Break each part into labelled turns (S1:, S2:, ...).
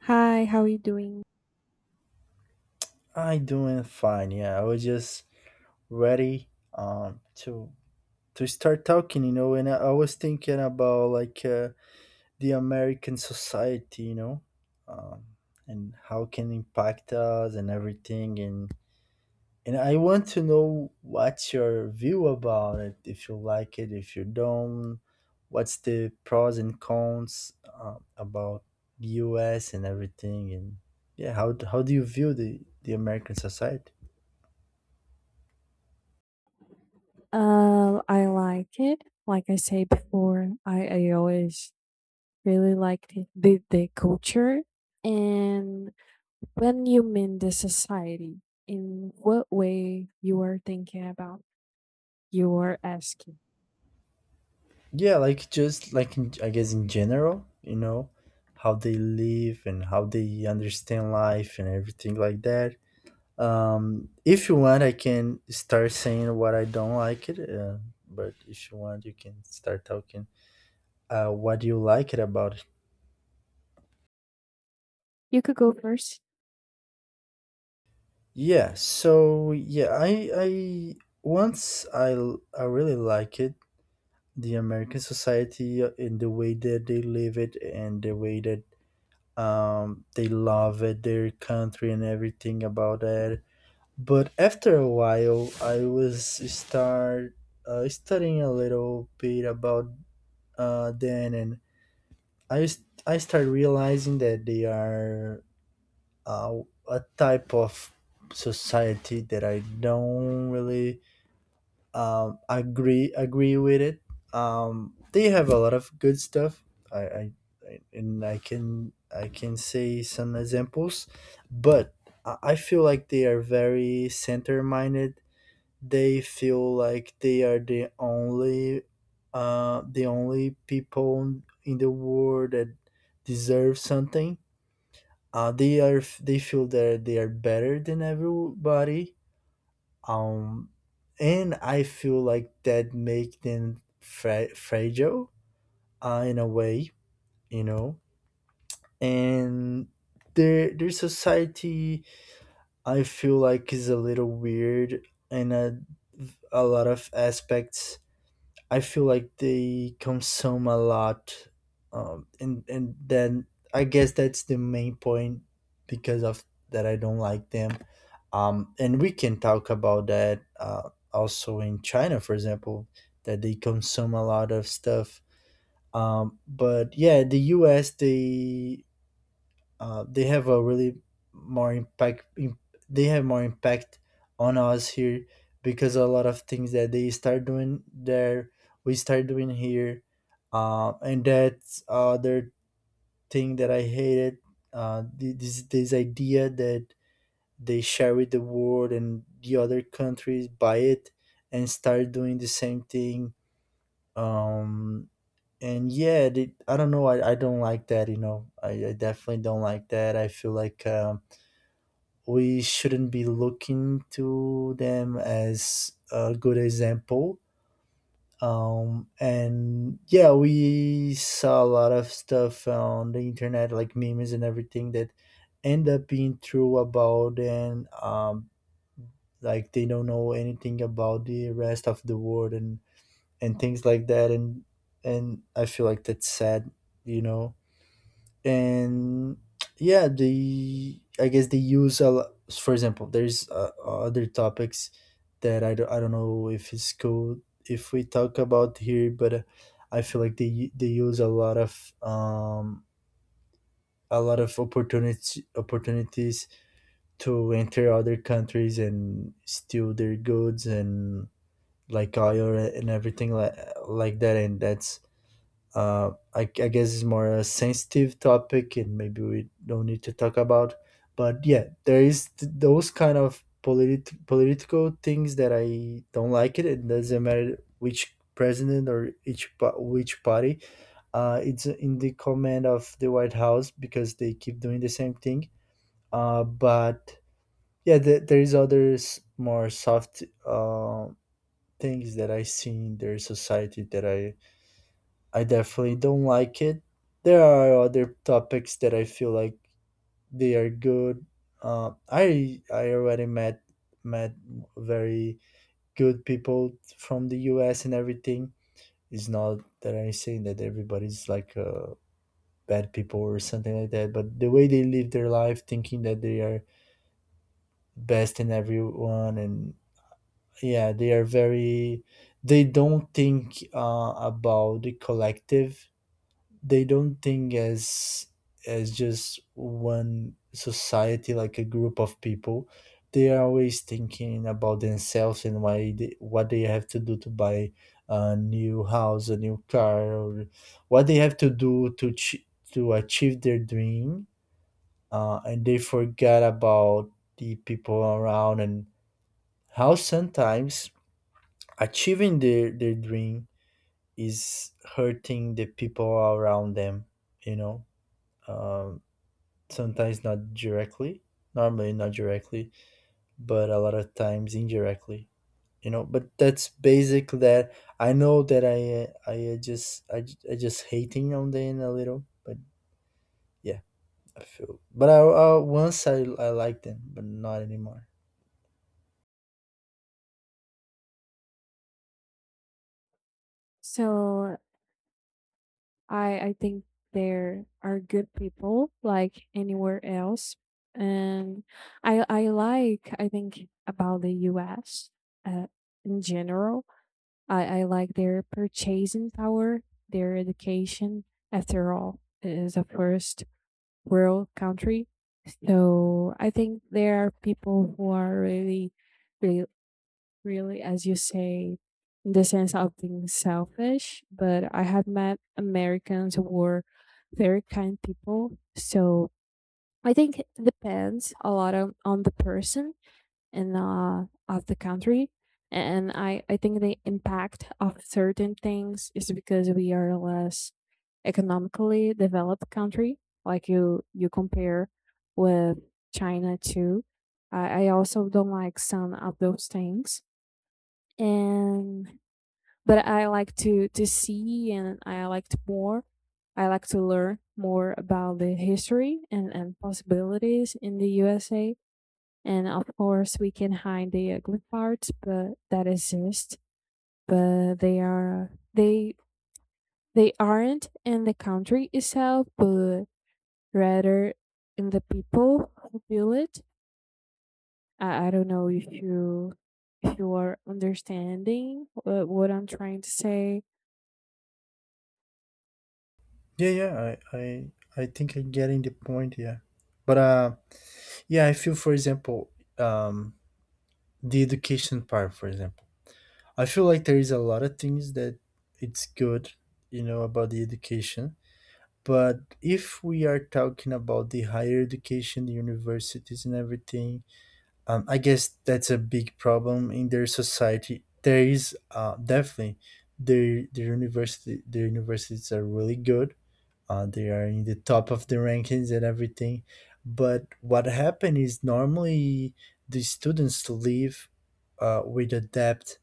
S1: Hi, how are you doing?
S2: I doing fine. Yeah, I was just ready to start talking, you know, and I was thinking about the American society, you know, um, and how it can impact us and everything, and I want to know what's your view about it. If you like it, if you don't, what's the pros and cons about U.S. and everything, and yeah, how do you view the American society?
S1: I like it. Like I said before, I always really liked it, the culture. And when you mean the society, in what way you are thinking about, you are asking.
S2: Yeah, like just I guess in general, you know, how they live and how they understand life and everything like that. If you want, I can start saying what I don't like it, but if you want, you can start talking what you like it about it.
S1: You could go first.
S2: Yeah, so yeah, I once I really like it the American society and the way that they live it and the way that they love it, their country and everything about it. But after a while, I was start studying a little bit about them, and I start realizing that they are uh, a type of society that I don't really agree with it. They have a lot of good stuff. I, I, I can say some examples, but I feel like they are very center minded. They feel like they are the only the only people in the world that deserve something. They feel that they are better than everybody um and I feel like that make them fragile in a way, you know, and their society I feel like is a little weird in a lot of aspects. I feel like they consume a lot, and then I guess that's the main point because of that I don't like them. And we can talk about that also in China, for example, that they consume a lot of stuff. But yeah, the U.S. They have a really more impact im- they have more impact on us here because a lot of things that they start doing there we start doing here, and that's other thing that I hated, this idea that they share with the world and the other countries buy it and start doing the same thing. um and yeah, I don't know, I don't like that, you know, I definitely don't like that. I feel like we shouldn't be looking to them as a good example. And yeah, we saw a lot of stuff on the internet, like memes and everything that end up being true about. And Like they don't know anything about the rest of the world and things like that. And I feel like that's sad, you know. And yeah, they, I guess they use a lot. For example, there's other topics that I don't know if it's cool if we talk about here, but I feel like they use a lot of opportunity opportunities to enter other countries and steal their goods and like oil and everything like that. And that's I guess it's more a sensitive topic and maybe we don't need to talk about. But yeah, there is those kind of political things that I don't like it. It doesn't matter which president or which party it's in the command of the White House, because they keep doing the same thing. But Yeah, there is others more soft things that I see in their society that I definitely don't like it. There are other topics that I feel like they are good. I already met very good people from the U.S. and everything. It's not that I'm saying that everybody's like bad people or something like that, but the way they live their life, thinking that they are best in everyone, and yeah, they are very. They don't think about the collective. They don't think as just one society like a group of people. They are always thinking about themselves and what they have to do to buy a new house, a new car, or what they have to do to to achieve their dream, and they forget about the people around and how sometimes achieving their dream is hurting the people around them, you know. um. Sometimes not directly, normally not directly, but a lot of times indirectly, you know. But that's basic. That I know that I just I, j- I just hating on them a little, but yeah, I feel. I once I liked them but not anymore.
S1: So I think there are good people like anywhere else. And I like, I think about the US uh, in general I like their purchasing power, their education. After all, it is a first world country. So I think there are people who are really, really, really, as you say, in the sense of being selfish. But I have met Americans who were very kind people. So I think it depends a lot on the person in of the country, and I think the impact of certain things is because we are less economically developed country, like you compare with China too. I also don't like some of those things, and but I like to see, and I liked more, I like to learn more about the history and possibilities in the USA. And of course, we can hide the ugly parts, but that exist. But they aren't in the country itself, but rather in the people who build it. I don't know if you, if you are understanding what I'm trying to say.
S2: Yeah yeah I think I'm getting the point. Yeah, but yeah, I feel for example, um the education part for example. I feel like there is a lot of things that it's good, you know, about the education. But if we are talking about the higher education, the universities and everything, I guess that's a big problem in their society. There is definitely the universities are really good. They are in the top of the rankings and everything. But what happened is normally the students leave with a debt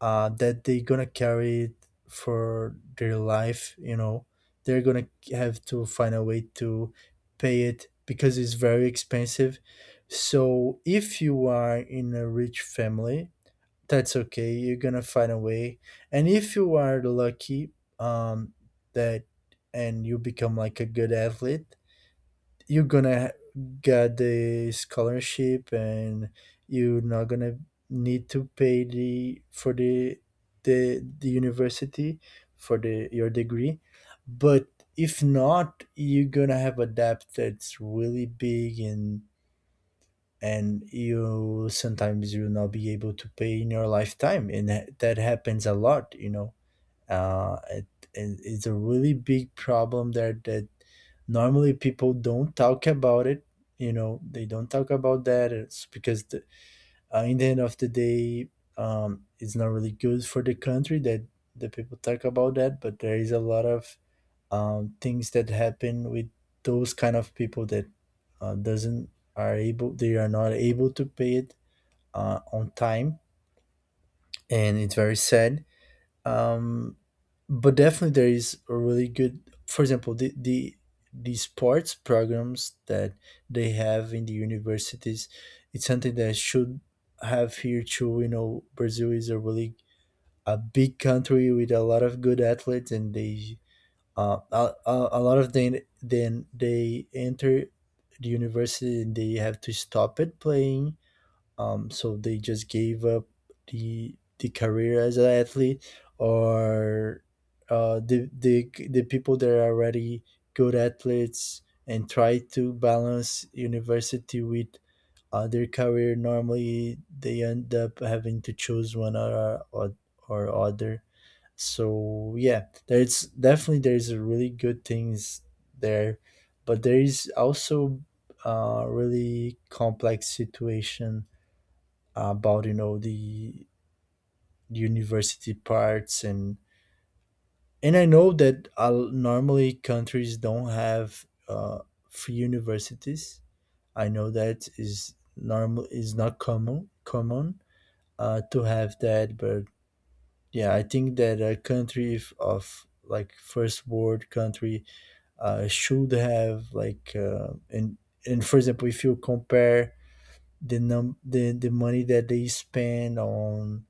S2: that they're gonna carry it for their life. You know, they're gonna have to find a way to pay it because it's very expensive. So if you are in a rich family, that's okay. You're gonna find a way. And if you are lucky, um, that and you become like a good athlete, you're gonna get the scholarship and you're not gonna need to pay the for the the university for the your degree. But if not, you're gonna have a debt that's really big, and you sometimes you'll not be able to pay in your lifetime. And that happens a lot, you know. uh, it, it's a really big problem there that normally people don't talk about it. You know, they don't talk about that. It's because in the end of the day, it's not really good for the country that the people talk about that. But there is a lot of things that happen with those kind of people that doesn't are able they are not able to pay it on time, and it's very sad. Um, but definitely there is a really good, for example, the sports programs that they have in the universities. It's something that should have here too, you know. Brazil is a really a big country with a lot of good athletes, and they a lot of them, then they enter the university and they have to stop it playing, so they just gave up the career as an athlete, or the people that are already good athletes and try to balance university with their career, normally they end up having to choose one or or other. So yeah, there's definitely there's a really good things there, but there is also a really complex situation about, you know, the university parts. And I know that normally countries don't have free universities. I know that is normal, is not common to have that, but yeah, I think that a country of like first world country should have like. And For example, if you compare the money that they spend on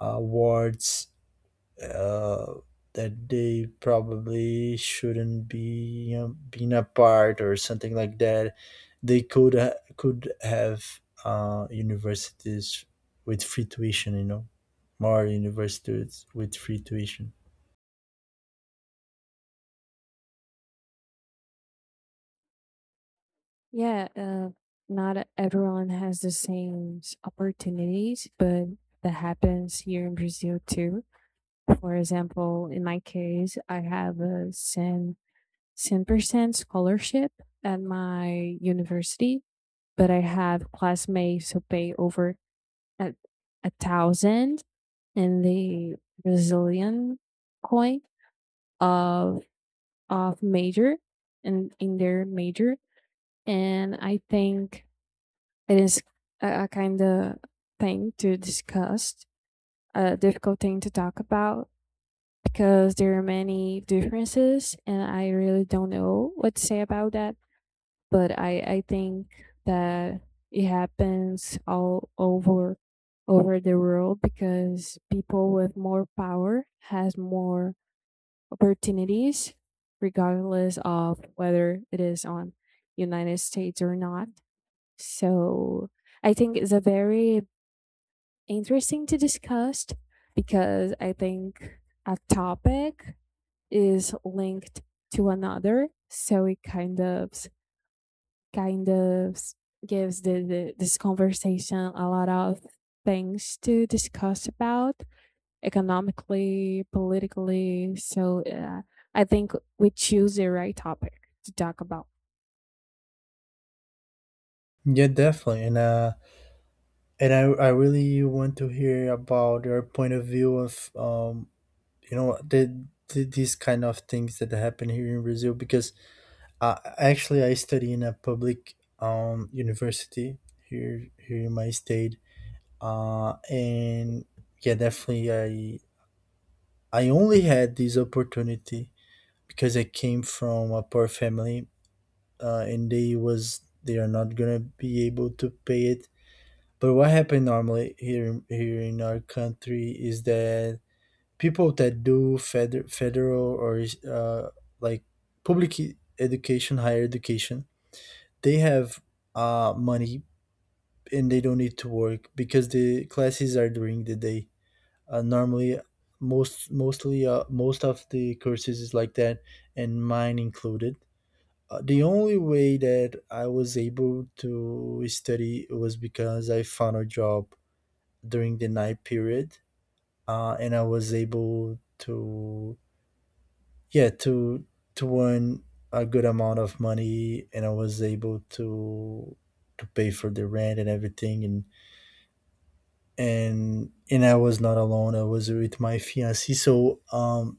S2: awards uh, that they probably shouldn't be, you know, been apart or something like that, they could could have universities with free tuition, you know, more universities with free tuition.
S1: Yeah, not everyone has the same opportunities, but that happens here in Brazil too. For example, in my case, I have a San 10% scholarship at my university, but I have classmates who pay over a, a thousand in the Brazilian coin of of major and in their major. And I think it is a kind of thing to discuss, a difficult thing to talk about, because there are many differences and I really don't know what to say about that. But I think that it happens all over the world, because people with more power has more opportunities regardless of whether it is on United States or not. So I think it's a very interesting to discuss, because I think a topic is linked to another, so it kind of gives the this conversation a lot of things to discuss about, economically, politically. So I think we choose the right topic to talk about.
S2: Yeah, definitely, and I really want to hear about your point of view of you know, the these kind of things that happen here in Brazil, because actually, I study in a public university here in my state, and yeah, definitely I only had this opportunity because I came from a poor family, and they are not gonna be able to pay it. But what happened normally here in our country is that people that do federal or uh, like public education, higher education, they have money, and they don't need to work because the classes are during the day. Normally, most of the courses is like that, and mine included. The only way that I was able to study was because I found a job during the night period, and I was able to yeah to to earn a good amount of money, and I was able to pay for the rent and everything. And I was not alone, I was with my fiancee, so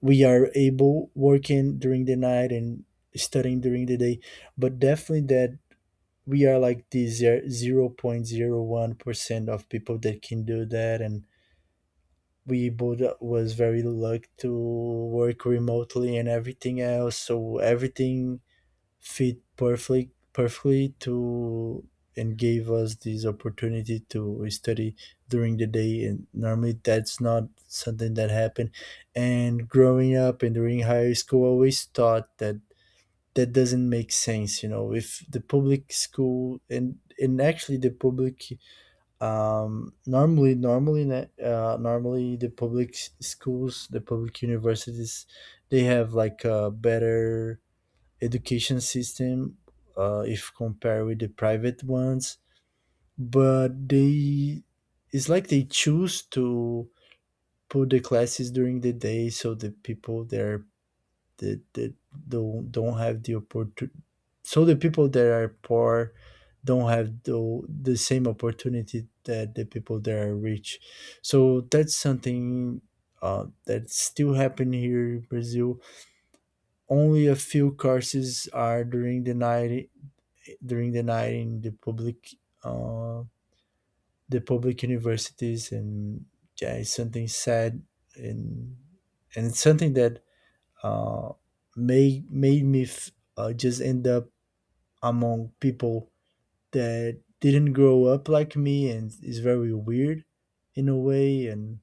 S2: we are able working during the night and studying during the day. But definitely that we are like the 0.01% of people that can do that, and we both was very lucky to work remotely and everything else, so everything fit perfectly to and gave us this opportunity to study during the day. And normally that's not something that happened. And growing up and during high school I always thought that that doesn't make sense, you know, if the public school and actually the public normally the schools, the public universities, they have like a better education system, if compared with the private ones. But they, it's like they choose to put the classes during the day, so the people there that don't have the opportunity. So the people that are poor don't have the same opportunity that the people that are rich. So that's something that still happen here in Brazil. Only a few courses are during the night, during the night in the public, uh, the public universities. And yeah, it's something sad. and and it's something that uh, made me just end up among people that didn't grow up like me, and is very weird, in a way. And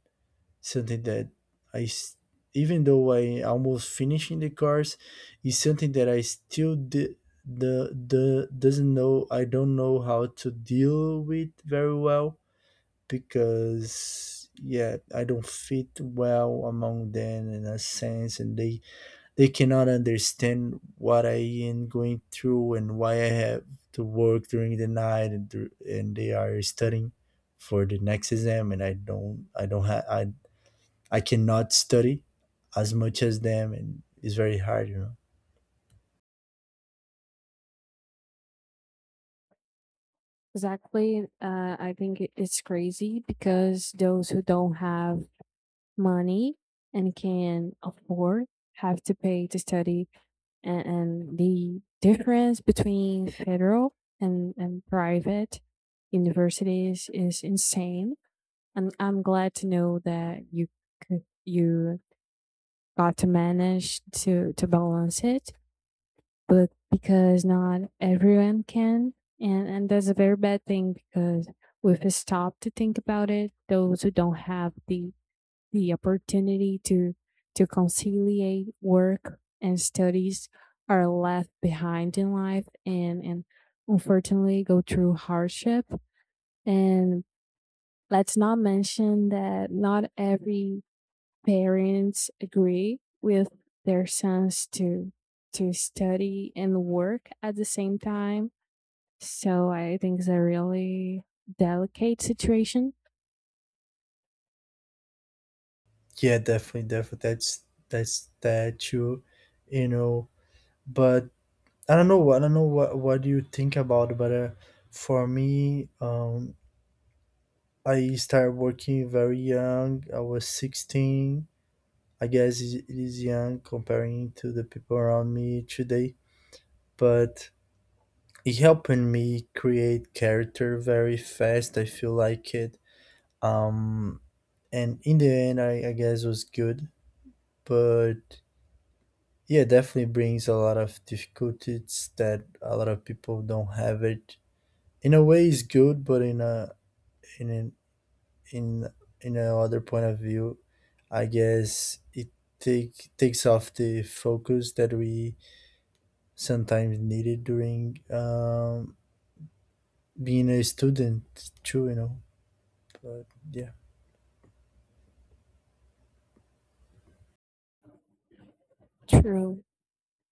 S2: something that I, s- even though I almost finishing the course, is something that I still di- the doesn't know. I don't know how to deal with very well, because yeah, I don't fit well among them in a sense, and they cannot understand what I am going through and why I have to work during the night and they are studying for the next exam, and I don't have I cannot study as much as them, and it's very hard, you know.
S1: Exactly. I think it's crazy because those who don't have money and can afford have to pay to study, and the difference between federal and private universities is insane. And I'm glad to know that you could you got to manage to balance it, but because not everyone can. And that's a very bad thing, because we've stopped to think about it: those who don't have the opportunity to conciliate work and studies are left behind in life, and unfortunately go through hardship. And let's not mention that not every parents agree with their sons to study and work at the same time. So I think it's a really delicate situation.
S2: Yeah, definitely, definitely. That's that true, you know. But I don't know. I don't know what do you think about. But for me, I started working very young. I was 16. I guess it is young comparing to the people around me today, but it helping me create character very fast. I feel like it. Um, and in the end I guess it was good, but yeah, definitely brings a lot of difficulties that a lot of people don't have it. In a way it's good, but in in an, in in another point of view I guess it takes off the focus that we sometimes needed during being a student too, you know, but yeah.
S1: True.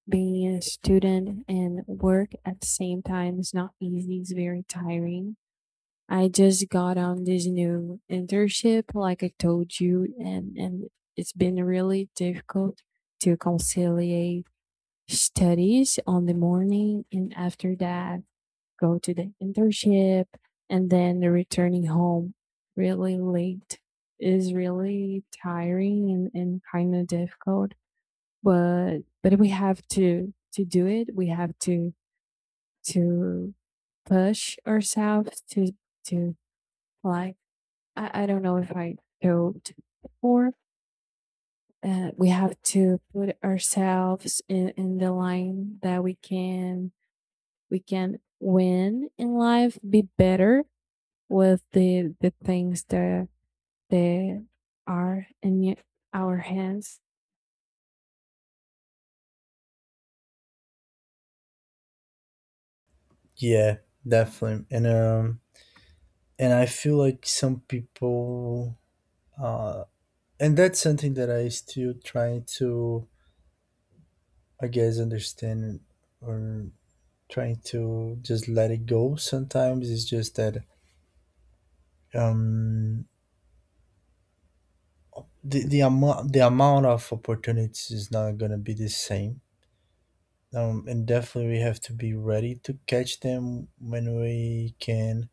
S1: Being a student and work at the same time is not easy. It's very tiring. I just got on this new internship, like I told you, and it's been really difficult to conciliate studies on the morning, and after that go to the internship and then returning home really late is really tiring, and kind of difficult. But we have to do it. We have to push ourselves to, like, I don't know if I told before. We have to put ourselves in the line that we can, we can win in life, be better with the things that that are in our hands.
S2: Yeah, definitely. And and I feel like some people uh and that's something that I still trying to, I guess, understand, or trying to just let it go. Sometimes it's just that um, the amount of opportunities is not gonna be the same. And definitely we have to be ready to catch them when we can.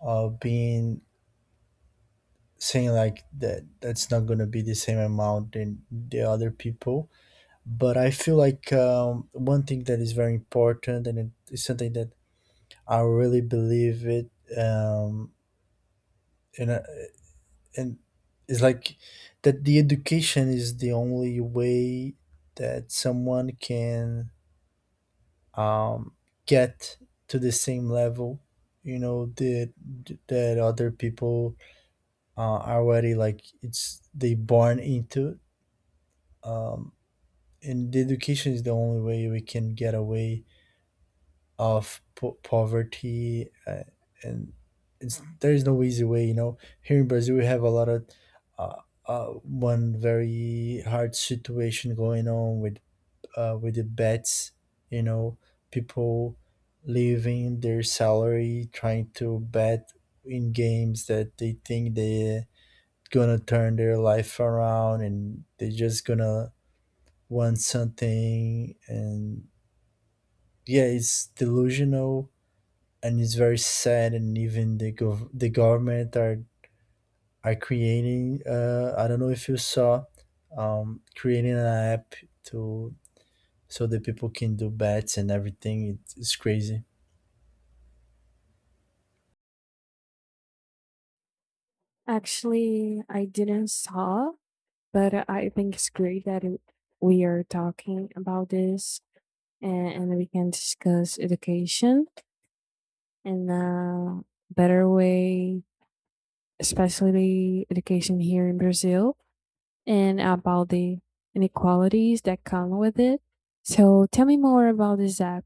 S2: Being saying like that, that's not gonna be the same amount than the other people. But I feel like one thing that is very important, and it is something that I really believe it. Um, and I- and It's like that the education is the only way that someone can um, get to the same level. You know that that other people uh, are already like it's they born into. Um, and the education is the only way we can get away of poverty, and it's there is no easy way, you know. Here in Brazil we have a lot of one very hard situation going on with the bets, you know, people leaving their salary trying to bet in games that they think they gonna turn their life around, and they are just gonna want something. And yeah, it's delusional, and it's very sad. And even the the government are creating, I don't know if you saw, creating an app to so that people can do bets and everything. It's crazy.
S1: Actually I didn't saw. But I think it's great that we are talking about this, and we can discuss education and a better way, especially education here in Brazil, and about the inequalities that come with it. So tell me more about this app.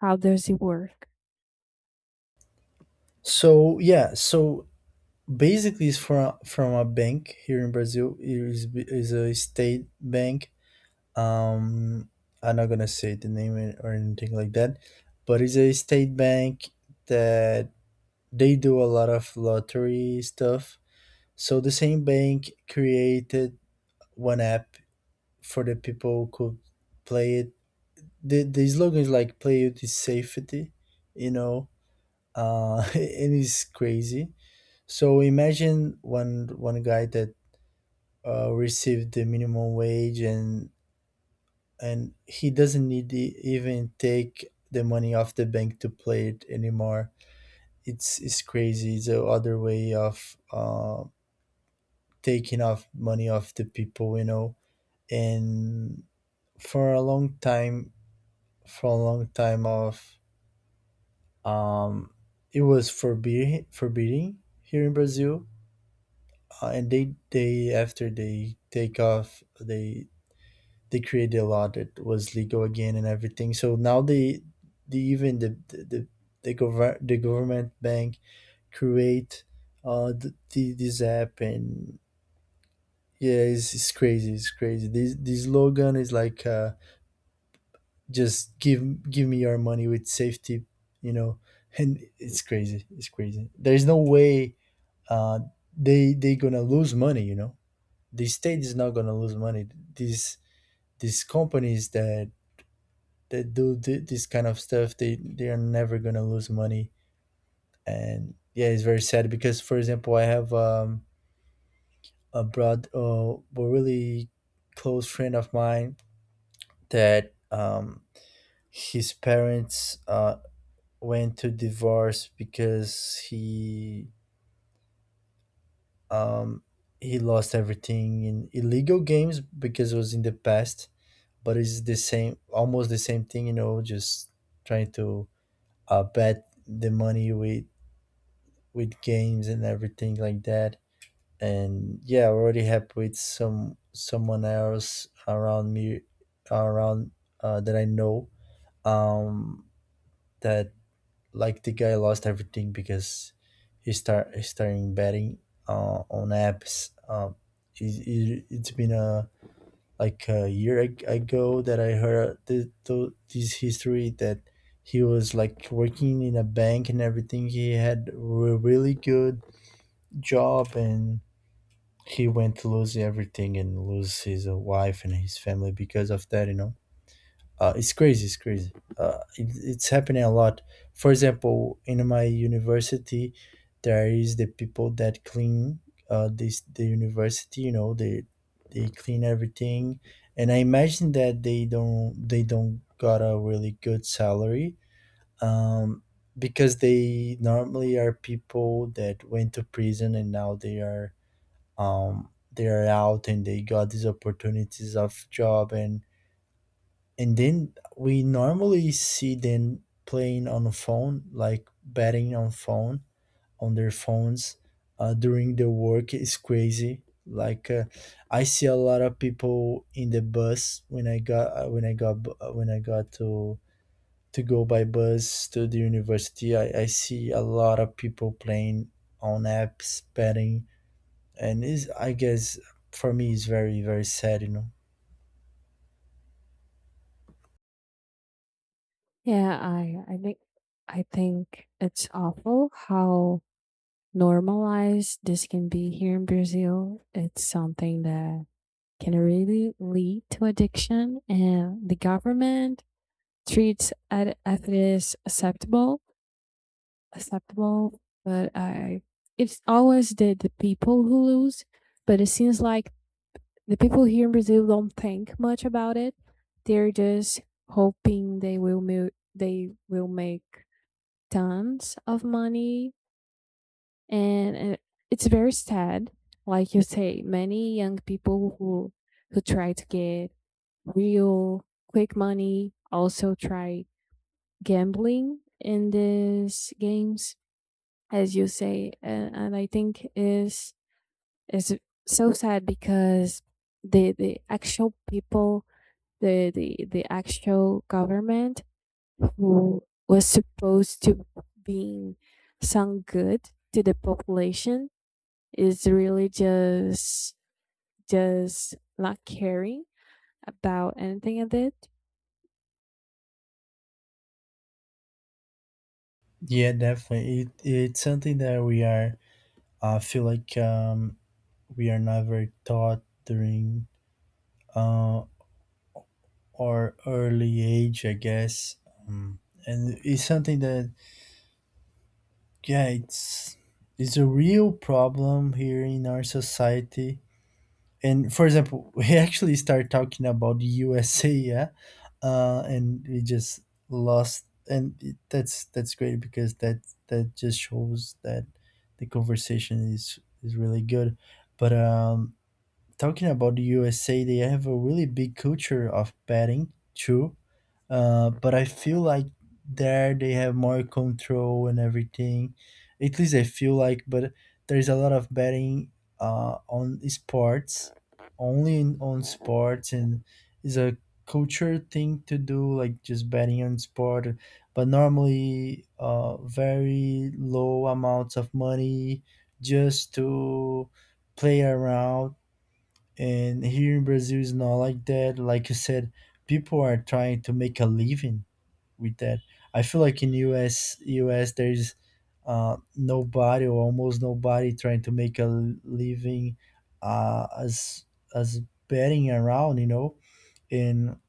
S1: How does it work?
S2: So yeah, so basically it's from a bank here in Brazil. Is a state bank. um I'm not gonna say the name or anything like that, but it's a state bank that they do a lot of lottery stuff. So the same bank created one app for the people could play it. The slogan is like play it is safety, you know, and it's crazy. So imagine one guy that received the minimum wage, and he doesn't need to even take the money off the bank to play it anymore. It's crazy. It's a other way of taking off money off the people, you know. And for a long time, for a long time of um it was forbidden forbidding here in Brazil, and they after they take off they created a law that was legal again and everything. So now they the even the, gover- the government bank create this app. And yeah, it's crazy, it's crazy. This slogan is like just give me your money with safety, you know. And it's crazy, it's crazy, there's no way uh, they gonna lose money, you know. The state is not gonna lose money. These companies that do this kind of stuff, they are never gonna lose money. And yeah, it's very sad because, for example, I have a broad uh, a really close friend of mine that um his parents went to divorce because um he lost everything in illegal games because it was in the past, but it's the same, almost the same thing, you know, just trying to bet the money with games and everything like that. And yeah, I already have with someone else around me around that I know, um that like the guy lost everything because he starting betting on apps. It, it, it's been a like a year ago that I heard this history that he was like working in a bank and everything. He had a really good job, and he went to lose everything and lose his wife and his family because of that, you know. It's crazy. It's crazy. It, it's happening a lot. For example, in my university, there is the people that clean this the university. You know, they clean everything, and I imagine that they don't got a really good salary. Um, because they normally are people that went to prison, and now they are out, and they got these opportunities of job. And then we normally see them playing on a phone, like betting on their phones during the work. Is crazy. Like I see a lot of people in the bus when I got when I got to go by bus to the university. I see a lot of people playing on apps, betting, and is I guess for me is very very sad, you know.
S1: Yeah, I think I think it's awful how normalized this can be here in Brazil. It's something that can really lead to addiction, and the government treats it as it is acceptable, acceptable. But I, it's always the people who lose. But it seems like the people here in Brazil don't think much about it. They're just hoping they will they will make tons of money. And it's very sad. Like you say, many young people who try to get real quick money also try gambling in these games, as you say. And I think is so sad because the actual people, the actual government who was supposed to being some good to the population, is really just not caring about anything I did.
S2: Yeah, definitely. It's something that we are, I feel like, we are never taught during uh, our early age, I guess, um, and it's something that yeah, it's a real problem here in our society. And for example, we actually start talking about the USA, yeah, and we just lost, and that's great because that that just shows that the conversation is really good. But talking about the USA, they have a really big culture of betting too. But I feel like there they have more control and everything. At least I feel like. But there's a lot of betting on sports, only on sports, and is a culture thing to do, like just betting on sport. But normally, very low amounts of money, just to play around. And here in Brazil is not like that. Like you said, people are trying to make a living with that. I feel like in US there is nobody or almost nobody trying to make a living uh, as as betting around, you know. And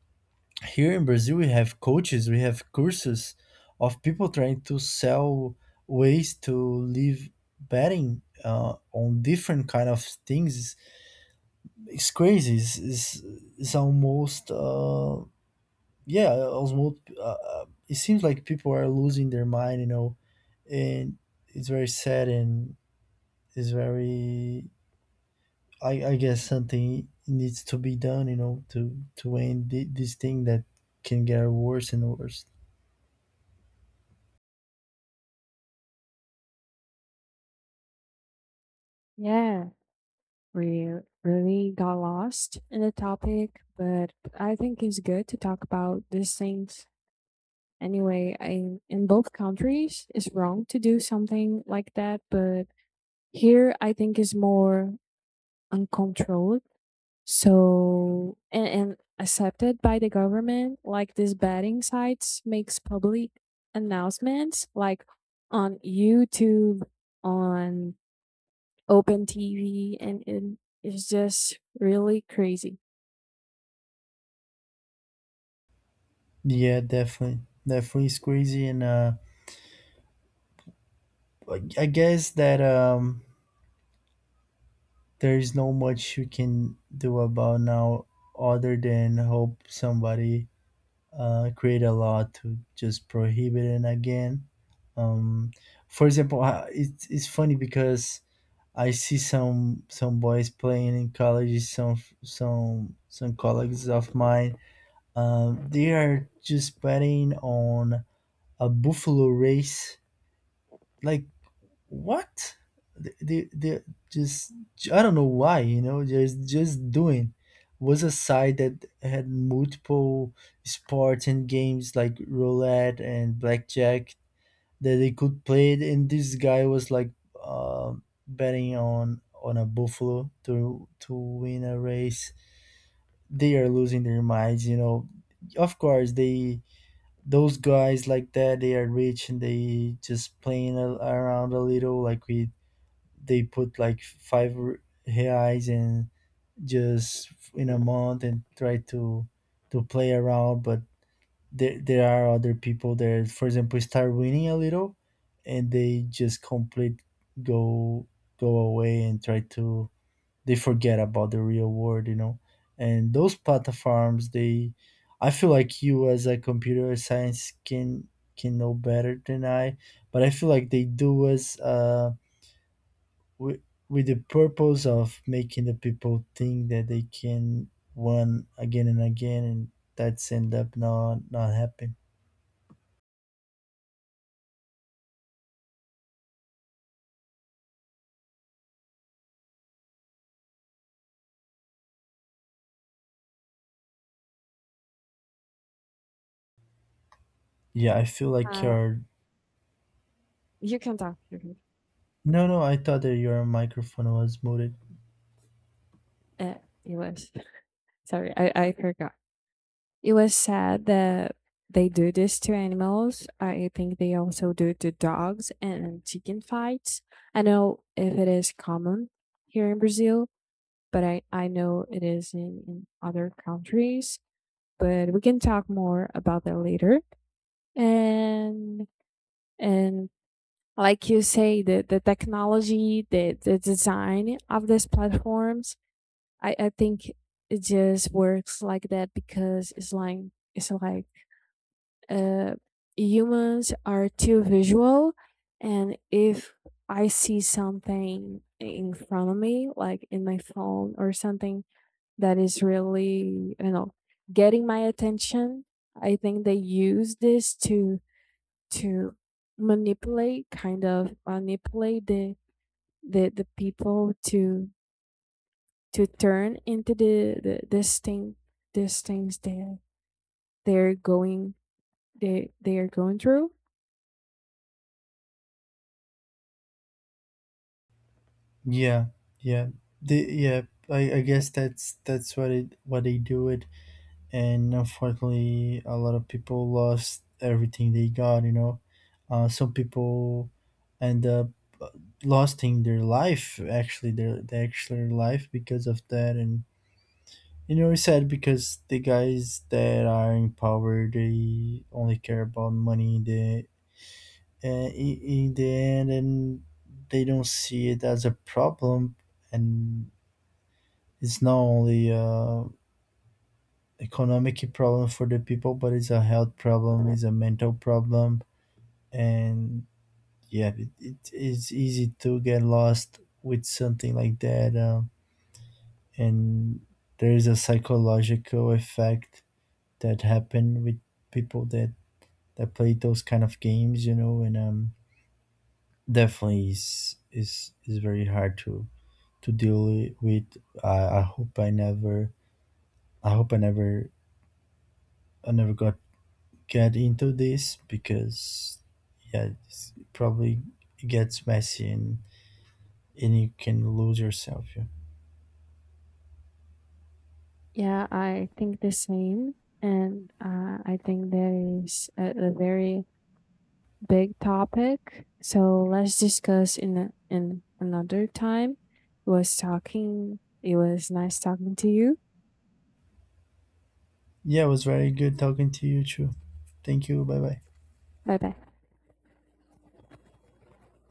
S2: here in Brazil we have coaches, we have courses of people trying to sell ways to live betting on different kind of things. It's crazy. It's almost yeah, almost it seems like people are losing their mind, you know. And it's very sad, and it's very, I guess something needs to be done, you know, to end this thing that can get worse and worse.
S1: Yeah, we really got lost in the topic, but I think it's good to talk about these things. Anyway, I, in both countries, it's wrong to do something like that, but here I think it's more uncontrolled. So and accepted by the government, like these betting sites makes public announcements like on YouTube, on open TV, and it's just really crazy.
S2: Yeah, definitely. Definitely it's crazy. And I guess that there is no much you can do about now other than hope somebody create a law to just prohibit it again. Um, for example, it's funny because I see some boys playing in colleges, some colleagues of mine. They are just betting on a buffalo race, like what, they just, I don't know why, you know, just doing. Was a site that had multiple sports and games like roulette and blackjack that they could play it, and this guy was like betting on a buffalo to win a race. They are losing their minds, you know. Of course, they those guys like that, they are rich, and they just playing a, around a little. Like we, they put like five reais in just in a month and try to play around. But there are other people that, for example, start winning a little, and they just complete go go away and try to, they forget about the real world, you know. And those platforms, they, I feel like you as a computer science can know better than I. But I feel like they do us with, with the purpose of making the people think that they can win again and again, and that's end up not not happening. Yeah, I feel like
S1: Uh,
S2: your.
S1: you can talk.
S2: No, no, I thought that your microphone was muted.
S1: Uh, it was, sorry, I forgot. It was sad that they do this to animals. I think they also do it to dogs and chicken fights. I know if it is common here in Brazil, but I know it is in other countries. But we can talk more about that later. And and like you say, the technology, the design of these platforms, I think it just works like that, because it's like uh, humans are too visual. And if I see something in front of me, like in my phone or something that is really, I don't know, getting my attention, I think they use this to manipulate, kind of manipulate the people to turn into the this thing, these things they're going they are going through.
S2: yeah yeah yeah, I guess that's what it what they do it. And unfortunately, a lot of people lost everything they got, you know. Some people and lost in their life, actually their actual life because of that. And you know, it's sad because the guys that are in power, they only care about money in the in the end. And they don't see it as a problem. And it's not only a economic problem for the people, but it's a health problem, it's a mental problem. And yeah, it is easy to get lost with something like that, and there's a psychological effect that happen with people that that play those kind of games, you know. And definitely is very hard to deal with. I hope I never I never got get into this, because yeah, it's, it probably gets messy, and you can lose yourself. Yeah.
S1: Yeah, I think the same, and I think that is a very big topic. So let's discuss in in another time. It was talking. It was nice talking to you.
S2: Yeah, it was very good talking to you too. Thank you. Bye bye.
S1: Bye bye.